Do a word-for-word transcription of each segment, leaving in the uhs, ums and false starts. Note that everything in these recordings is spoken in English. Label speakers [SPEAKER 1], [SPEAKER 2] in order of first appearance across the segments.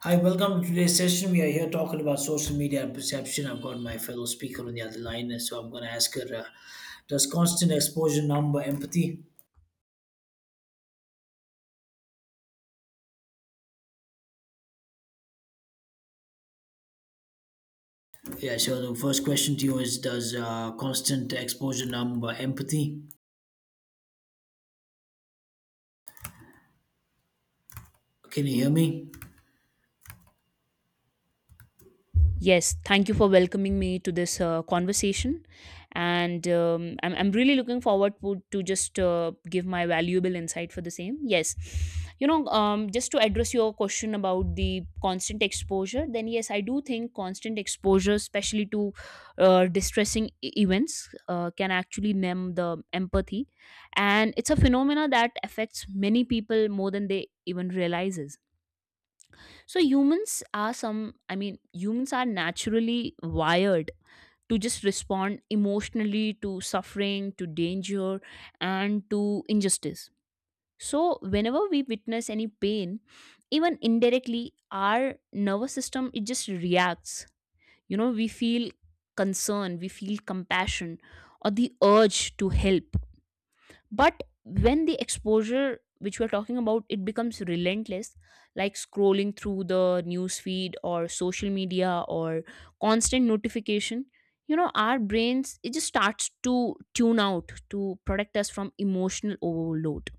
[SPEAKER 1] Hi, welcome to today's session. We are here talking about social media and perception. I've got my fellow speaker on the other line, so I'm going to ask her uh, does constant exposure number empathy? Yeah, so the first question to you is, does uh, constant exposure number empathy? Can you hear me?
[SPEAKER 2] Yes, thank you for welcoming me to this uh, conversation. And um, I'm, I'm really looking forward to, to just uh, give my valuable insight for the same. Yes, you know, um, just to address your question about the constant exposure, then yes, I do think constant exposure, especially to uh, distressing e- events, uh, can actually numb the empathy. And it's a phenomena that affects many people more than they even realizes. So humans are some, I mean, humans are naturally wired to just respond emotionally to suffering, to danger, and to injustice. So whenever we witness any pain, even indirectly, our nervous system it just reacts. You know, we feel concern, we feel compassion, or the urge to help, but when the exposure which we're talking about, it becomes relentless, like scrolling through the news feed or social media or constant notification, you know our brains it just starts to tune out to protect us from emotional overload.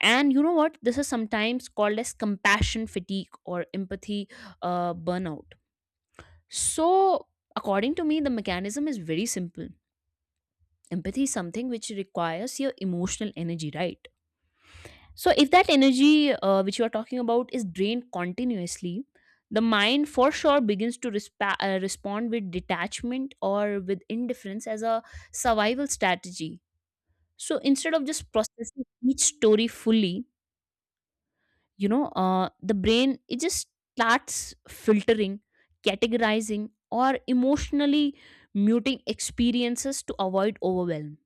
[SPEAKER 2] And you know what, this is sometimes called as compassion fatigue or empathy uh, burnout. So according to me, the mechanism is very simple. Empathy is something which requires your emotional energy, right? So, if that energy uh, which you are talking about is drained continuously, the mind for sure begins to respa- uh, respond with detachment or with indifference as a survival strategy. So, instead of just processing each story fully, you know, uh, the brain it just starts filtering, categorizing, or emotionally muting experiences to avoid overwhelm.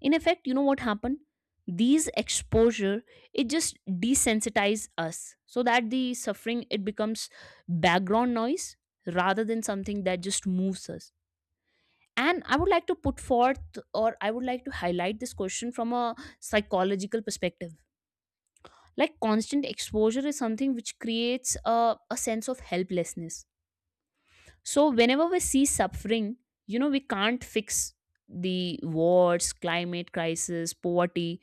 [SPEAKER 2] In effect, you know what happened, these exposure it just desensitize us so that the suffering it becomes background noise rather than something that just moves us. And I would like to put forth, or I would like to highlight, this question from a psychological perspective. Like, constant exposure is something which creates a, a sense of helplessness. So whenever we see suffering, you know we can't fix the wars, climate crisis, poverty,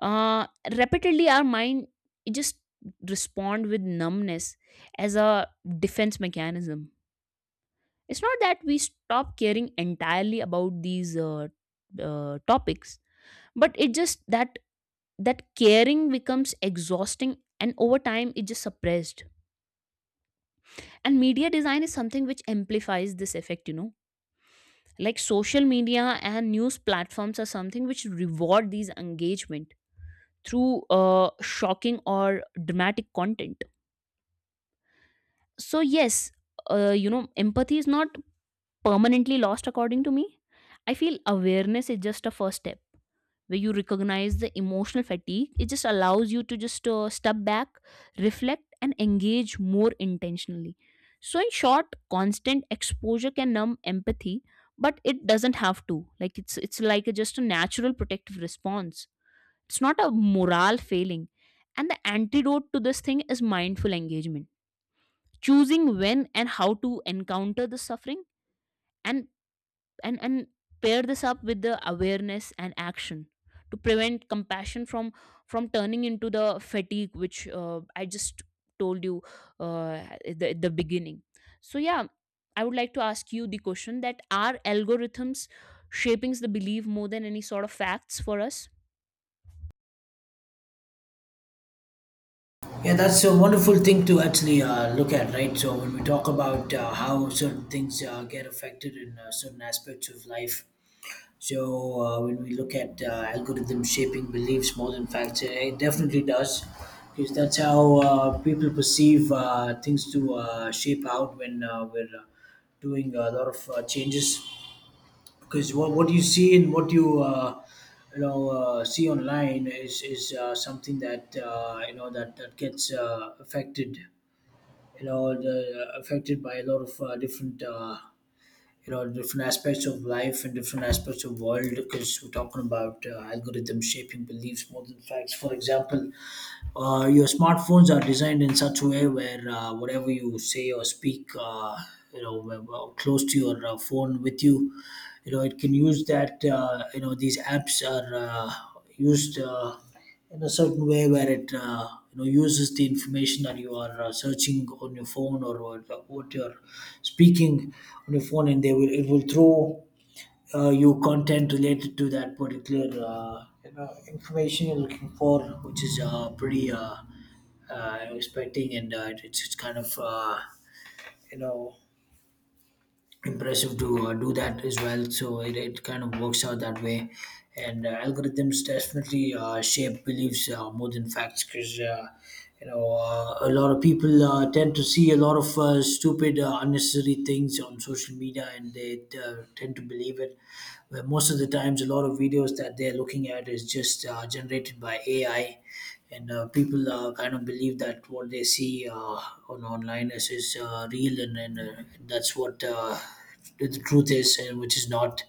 [SPEAKER 2] uh repeatedly our mind, it just respond with numbness as a defense mechanism. It's not that we stop caring entirely about these uh, uh, topics, but it just that, that caring becomes exhausting, and over time it just suppressed. And media design is something which amplifies this effect, you know like social media and news platforms are something which reward these engagement through uh, shocking or dramatic content. So yes, uh, you know empathy is not permanently lost according to me. I feel awareness is just a first step, where you recognize the emotional fatigue, it just allows you to just uh, step back, reflect, and engage more intentionally. So in short, constant exposure can numb empathy, but it doesn't have to. Like, it's it's like a, just a natural protective response. It's not a moral failing, and the antidote to this thing is mindful engagement, choosing when and how to encounter the suffering. And and and pair this up with the awareness and action to prevent compassion from from turning into the fatigue which uh, I just told you uh, at the, at the beginning. So yeah, I would like to ask you the question: that are algorithms shaping the belief more than any sort of facts for us?
[SPEAKER 1] Yeah, that's a wonderful thing to actually uh, look at, right? So, when we talk about uh, how certain things uh, get affected in uh, certain aspects of life, so uh, when we look at uh, algorithm shaping beliefs more than facts, it it definitely does, because that's how uh, people perceive uh, things to uh, shape out when uh, we're uh, doing a lot of uh, changes. Because what, what you see and what you uh, you know uh, see online is is uh, something that uh, you know that that gets uh, affected you know the, affected by a lot of uh, different. Uh, you know, different aspects of life and different aspects of world, because we're talking about uh, algorithms shaping beliefs more than facts. For example, uh, your smartphones are designed in such a way where uh, whatever you say or speak uh, you know w- w- close to your uh, phone with you, you know it can use that uh, you know these apps are uh, used uh, in a certain way where it uh, you know uses the information that you are uh, searching on your phone, or what, what you're speaking on the phone, and they will it will throw uh, you content related to that particular uh, you know information you're looking for, which is uh, pretty uh, uh, expecting, and uh, it's, it's kind of uh, you know impressive to uh, do that as well. So it, it kind of works out that way. And uh, algorithms definitely uh, shape beliefs uh, more than facts, because, uh, you know, uh, a lot of people uh, tend to see a lot of uh, stupid, uh, unnecessary things on social media and they uh, tend to believe it. Where most of the times, a lot of videos that they're looking at is just uh, generated by A I, and uh, people uh, kind of believe that what they see uh, on online is, is uh, real, and, and uh, that's what uh, the truth is, and which is not.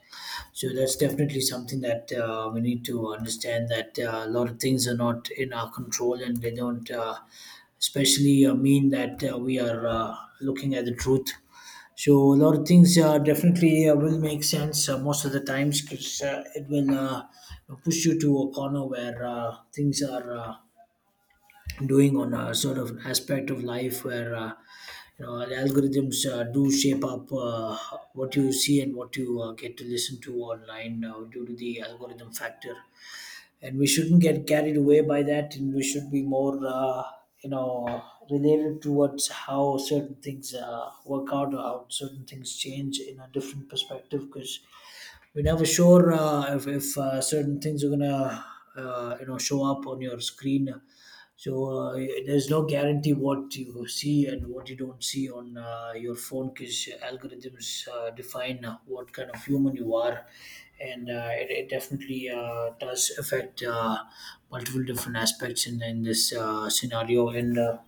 [SPEAKER 1] So that's definitely something that uh, we need to understand, that uh, a lot of things are not in our control, and they don't uh, especially uh, mean that uh, we are uh, looking at the truth. So a lot of things uh, definitely uh, will make sense uh, most of the times, because uh, it will uh, push you to a corner where uh, things are uh, doing on a sort of aspect of life where uh, you know the algorithms uh, do shape up uh, what you see and what you uh, get to listen to online uh, due to the algorithm factor. And we shouldn't get carried away by that, and we should be more uh, you know related towards how certain things uh, work out, or how certain things change in a different perspective, because we're never sure uh, if, if uh, certain things are gonna uh, you know show up on your screen. So uh, there's no guarantee what you see and what you don't see on uh, your phone, because algorithms uh, define what kind of human you are. And uh, it, it definitely uh, does affect uh, multiple different aspects in, in this uh, scenario, and uh,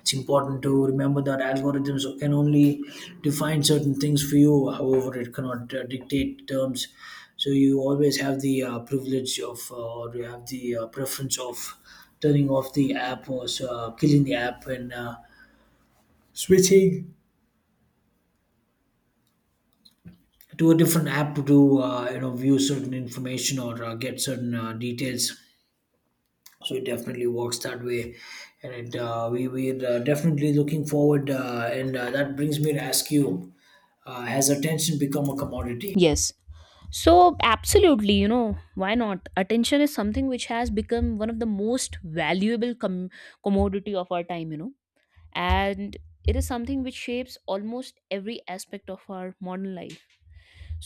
[SPEAKER 1] it's important to remember that algorithms can only define certain things for you, however it cannot uh, dictate terms. So you always have the uh, privilege of uh, or you have the uh, preference of turning off the app, or uh, killing the app and uh, switching to a different app to uh, you know view certain information or uh, get certain uh, details. So it definitely works that way. And it uh, we we're uh, definitely looking forward uh, and uh, that brings me to ask you, uh, has attention become a commodity?
[SPEAKER 2] Yes. So, absolutely, you know, why not? Attention is something which has become one of the most valuable com- commodity of our time, you know, and it is something which shapes almost every aspect of our modern life.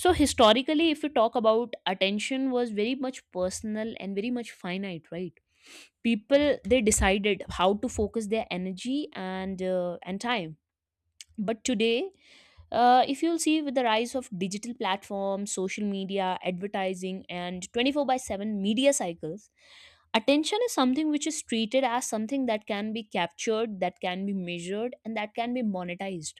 [SPEAKER 2] So, historically, if we talk about attention, was very much personal and very much finite, right? People, they decided how to focus their energy and uh, and time, but today, uh, if you'll see, with the rise of digital platforms, social media advertising, and twenty four by seven media cycles, attention is something which is treated as something that can be captured, that can be measured, and that can be monetized.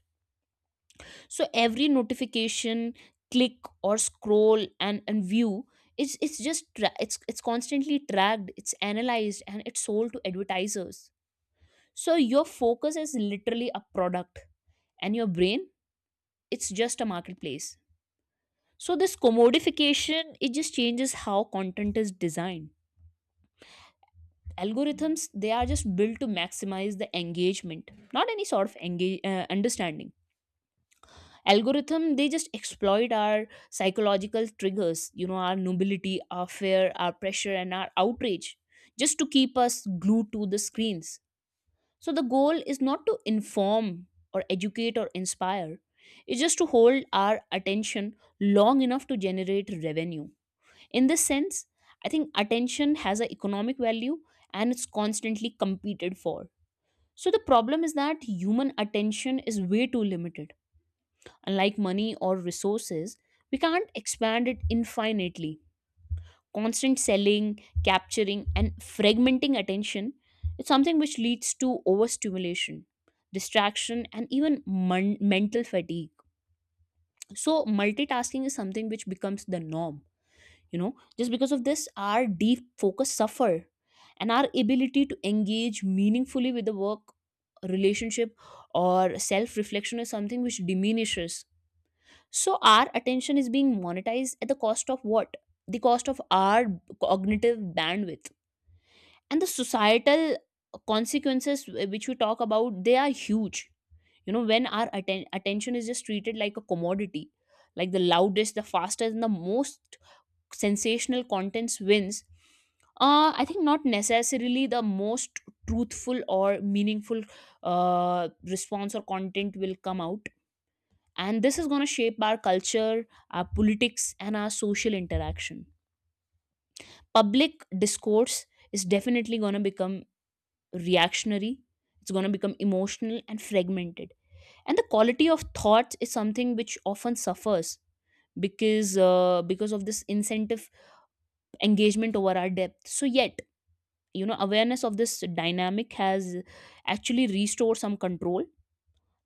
[SPEAKER 2] So every notification, click, or scroll and, and view, it's, it's just tra- it's it's constantly tracked, it's analyzed, and it's sold to advertisers. So your focus is literally a product, and your brain, it's just a marketplace. So this commodification, it just changes how content is designed. Algorithms, they are just built to maximize the engagement, not any sort of engage uh, understanding. Algorithm, they just exploit our psychological triggers, you know our nobility, our fear, our pressure, and our outrage, just to keep us glued to the screens. So the goal is not to inform or educate or inspire. It's just to hold our attention long enough to generate revenue. In this sense, I think attention has an economic value, and it's constantly competed for. So the problem is that human attention is way too limited. Unlike money or resources, we can't expand it infinitely. Constant selling, capturing, and fragmenting attention is something which leads to overstimulation, distraction, and even mon- mental fatigue. So multitasking is something which becomes the norm, you know just because of this our deep focus suffer, and our ability to engage meaningfully with the work, relationship, or self reflection is something which diminishes. So our attention is being monetized at the cost of what? The cost of our cognitive bandwidth. And the societal consequences wh- which we talk about, they are huge. You know, when our atten- attention is just treated like a commodity, like the loudest, the fastest, and the most sensational contents wins, uh, I think not necessarily the most truthful or meaningful uh, response or content will come out. And this is going to shape our culture, our politics, and our social interaction. Public discourse is definitely going to become reactionary. It's going to become emotional and fragmented, and the quality of thoughts is something which often suffers, because uh, because of this incentive, engagement over our depth. So yet, you know awareness of this dynamic has actually restored some control.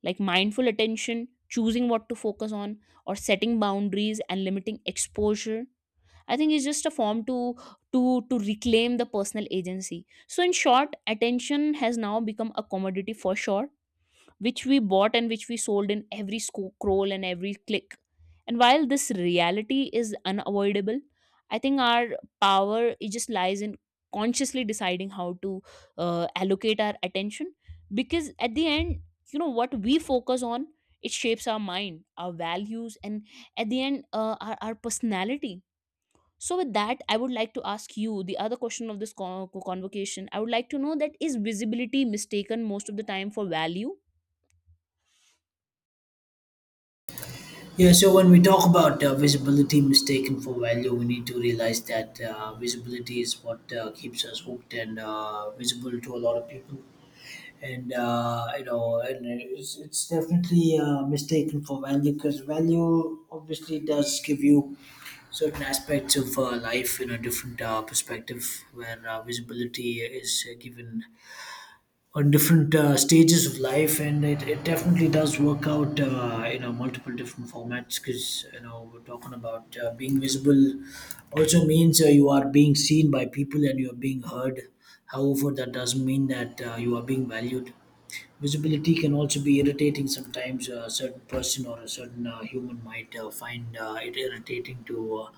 [SPEAKER 2] Like, mindful attention, choosing what to focus on, or setting boundaries and limiting exposure, I think it's just a form to to to reclaim the personal agency. So in short, attention has now become a commodity for sure, which we bought and which we sold in every sco- scroll and every click. And while this reality is unavoidable, I think our power, it just lies in consciously deciding how to uh, allocate our attention, because at the end, you know what we focus on, it shapes our mind, our values, and at the end, uh, our, our personality. So, with that, I would like to ask you the other question of this con- convocation. I would like to know, that is visibility mistaken most of the time for value?
[SPEAKER 1] Yeah, so when we talk about uh, visibility mistaken for value, we need to realize that uh, visibility is what uh, keeps us hooked and uh, visible to a lot of people. And uh, you know and it's, it's definitely uh, mistaken for value, because value obviously does give you certain aspects of uh, life in a different uh, perspective, where uh, visibility is uh, given on different uh, stages of life, and it, it definitely does work out uh, you know multiple different formats, because you know we're talking about uh, being visible also means uh, you are being seen by people and you are being heard. However, that doesn't mean that uh, you are being valued. Visibility can also be irritating sometimes. A certain person or a certain uh, human might uh, find uh, it irritating to uh,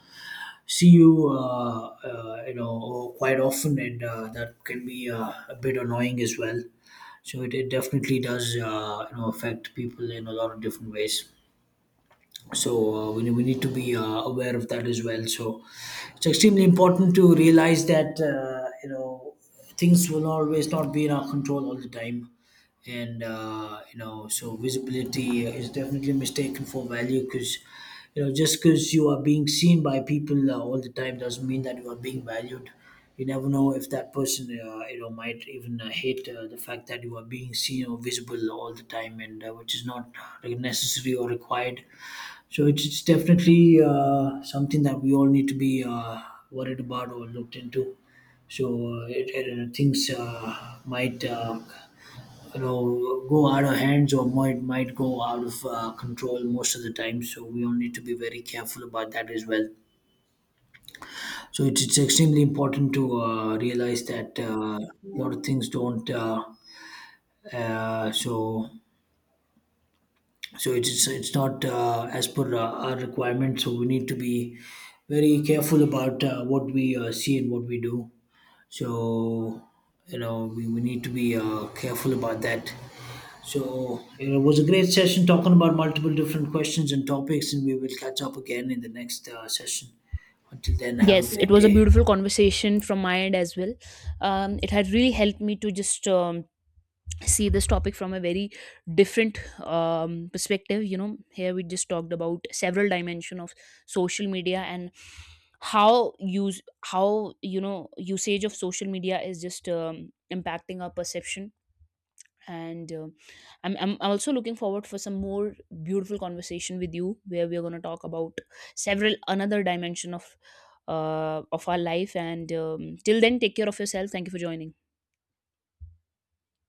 [SPEAKER 1] see you, uh, uh, you know, quite often, and uh, that can be uh, a bit annoying as well. So it, it definitely does, uh, you know, affect people in a lot of different ways. So uh, we, we need to be uh, aware of that as well. So it's extremely important to realize that uh, you know things will always not be in our control all the time. And uh, you know so visibility is definitely mistaken for value, because you know just because you are being seen by people uh, all the time doesn't mean that you are being valued. You never know if that person uh, you know might even uh, hate uh, the fact that you are being seen or visible all the time, and uh, which is not necessary or required. So it's, it's definitely uh, something that we all need to be uh, worried about or looked into. So uh, it, it, things uh, might uh, you know go out of hands, or might might go out of uh, control most of the time. So we all need to be very careful about that as well. So it's, it's extremely important to uh, realize that uh, a lot of things don't. Uh, uh, so so it's it's, it's not uh, as per uh, our requirement, so we need to be very careful about uh, what we uh, see and what we do. So you know we, we need to be uh, careful about that. So you know, it was a great session talking about multiple different questions and topics, and we will catch up again in the next uh, session. Until then, have a
[SPEAKER 2] Yes, it
[SPEAKER 1] great
[SPEAKER 2] was a
[SPEAKER 1] day.
[SPEAKER 2] beautiful conversation from my end as well. Um, it had really helped me to just um, see this topic from a very different um, perspective. You know, here we just talked about several dimension of social media, and how use how you know usage of social media is just um, impacting our perception. And uh, I'm, I'm I'm also looking forward for some more beautiful conversation with you, where we're going to talk about several another dimension of uh, of our life. And um, till then, take care of yourself. Thank you for joining.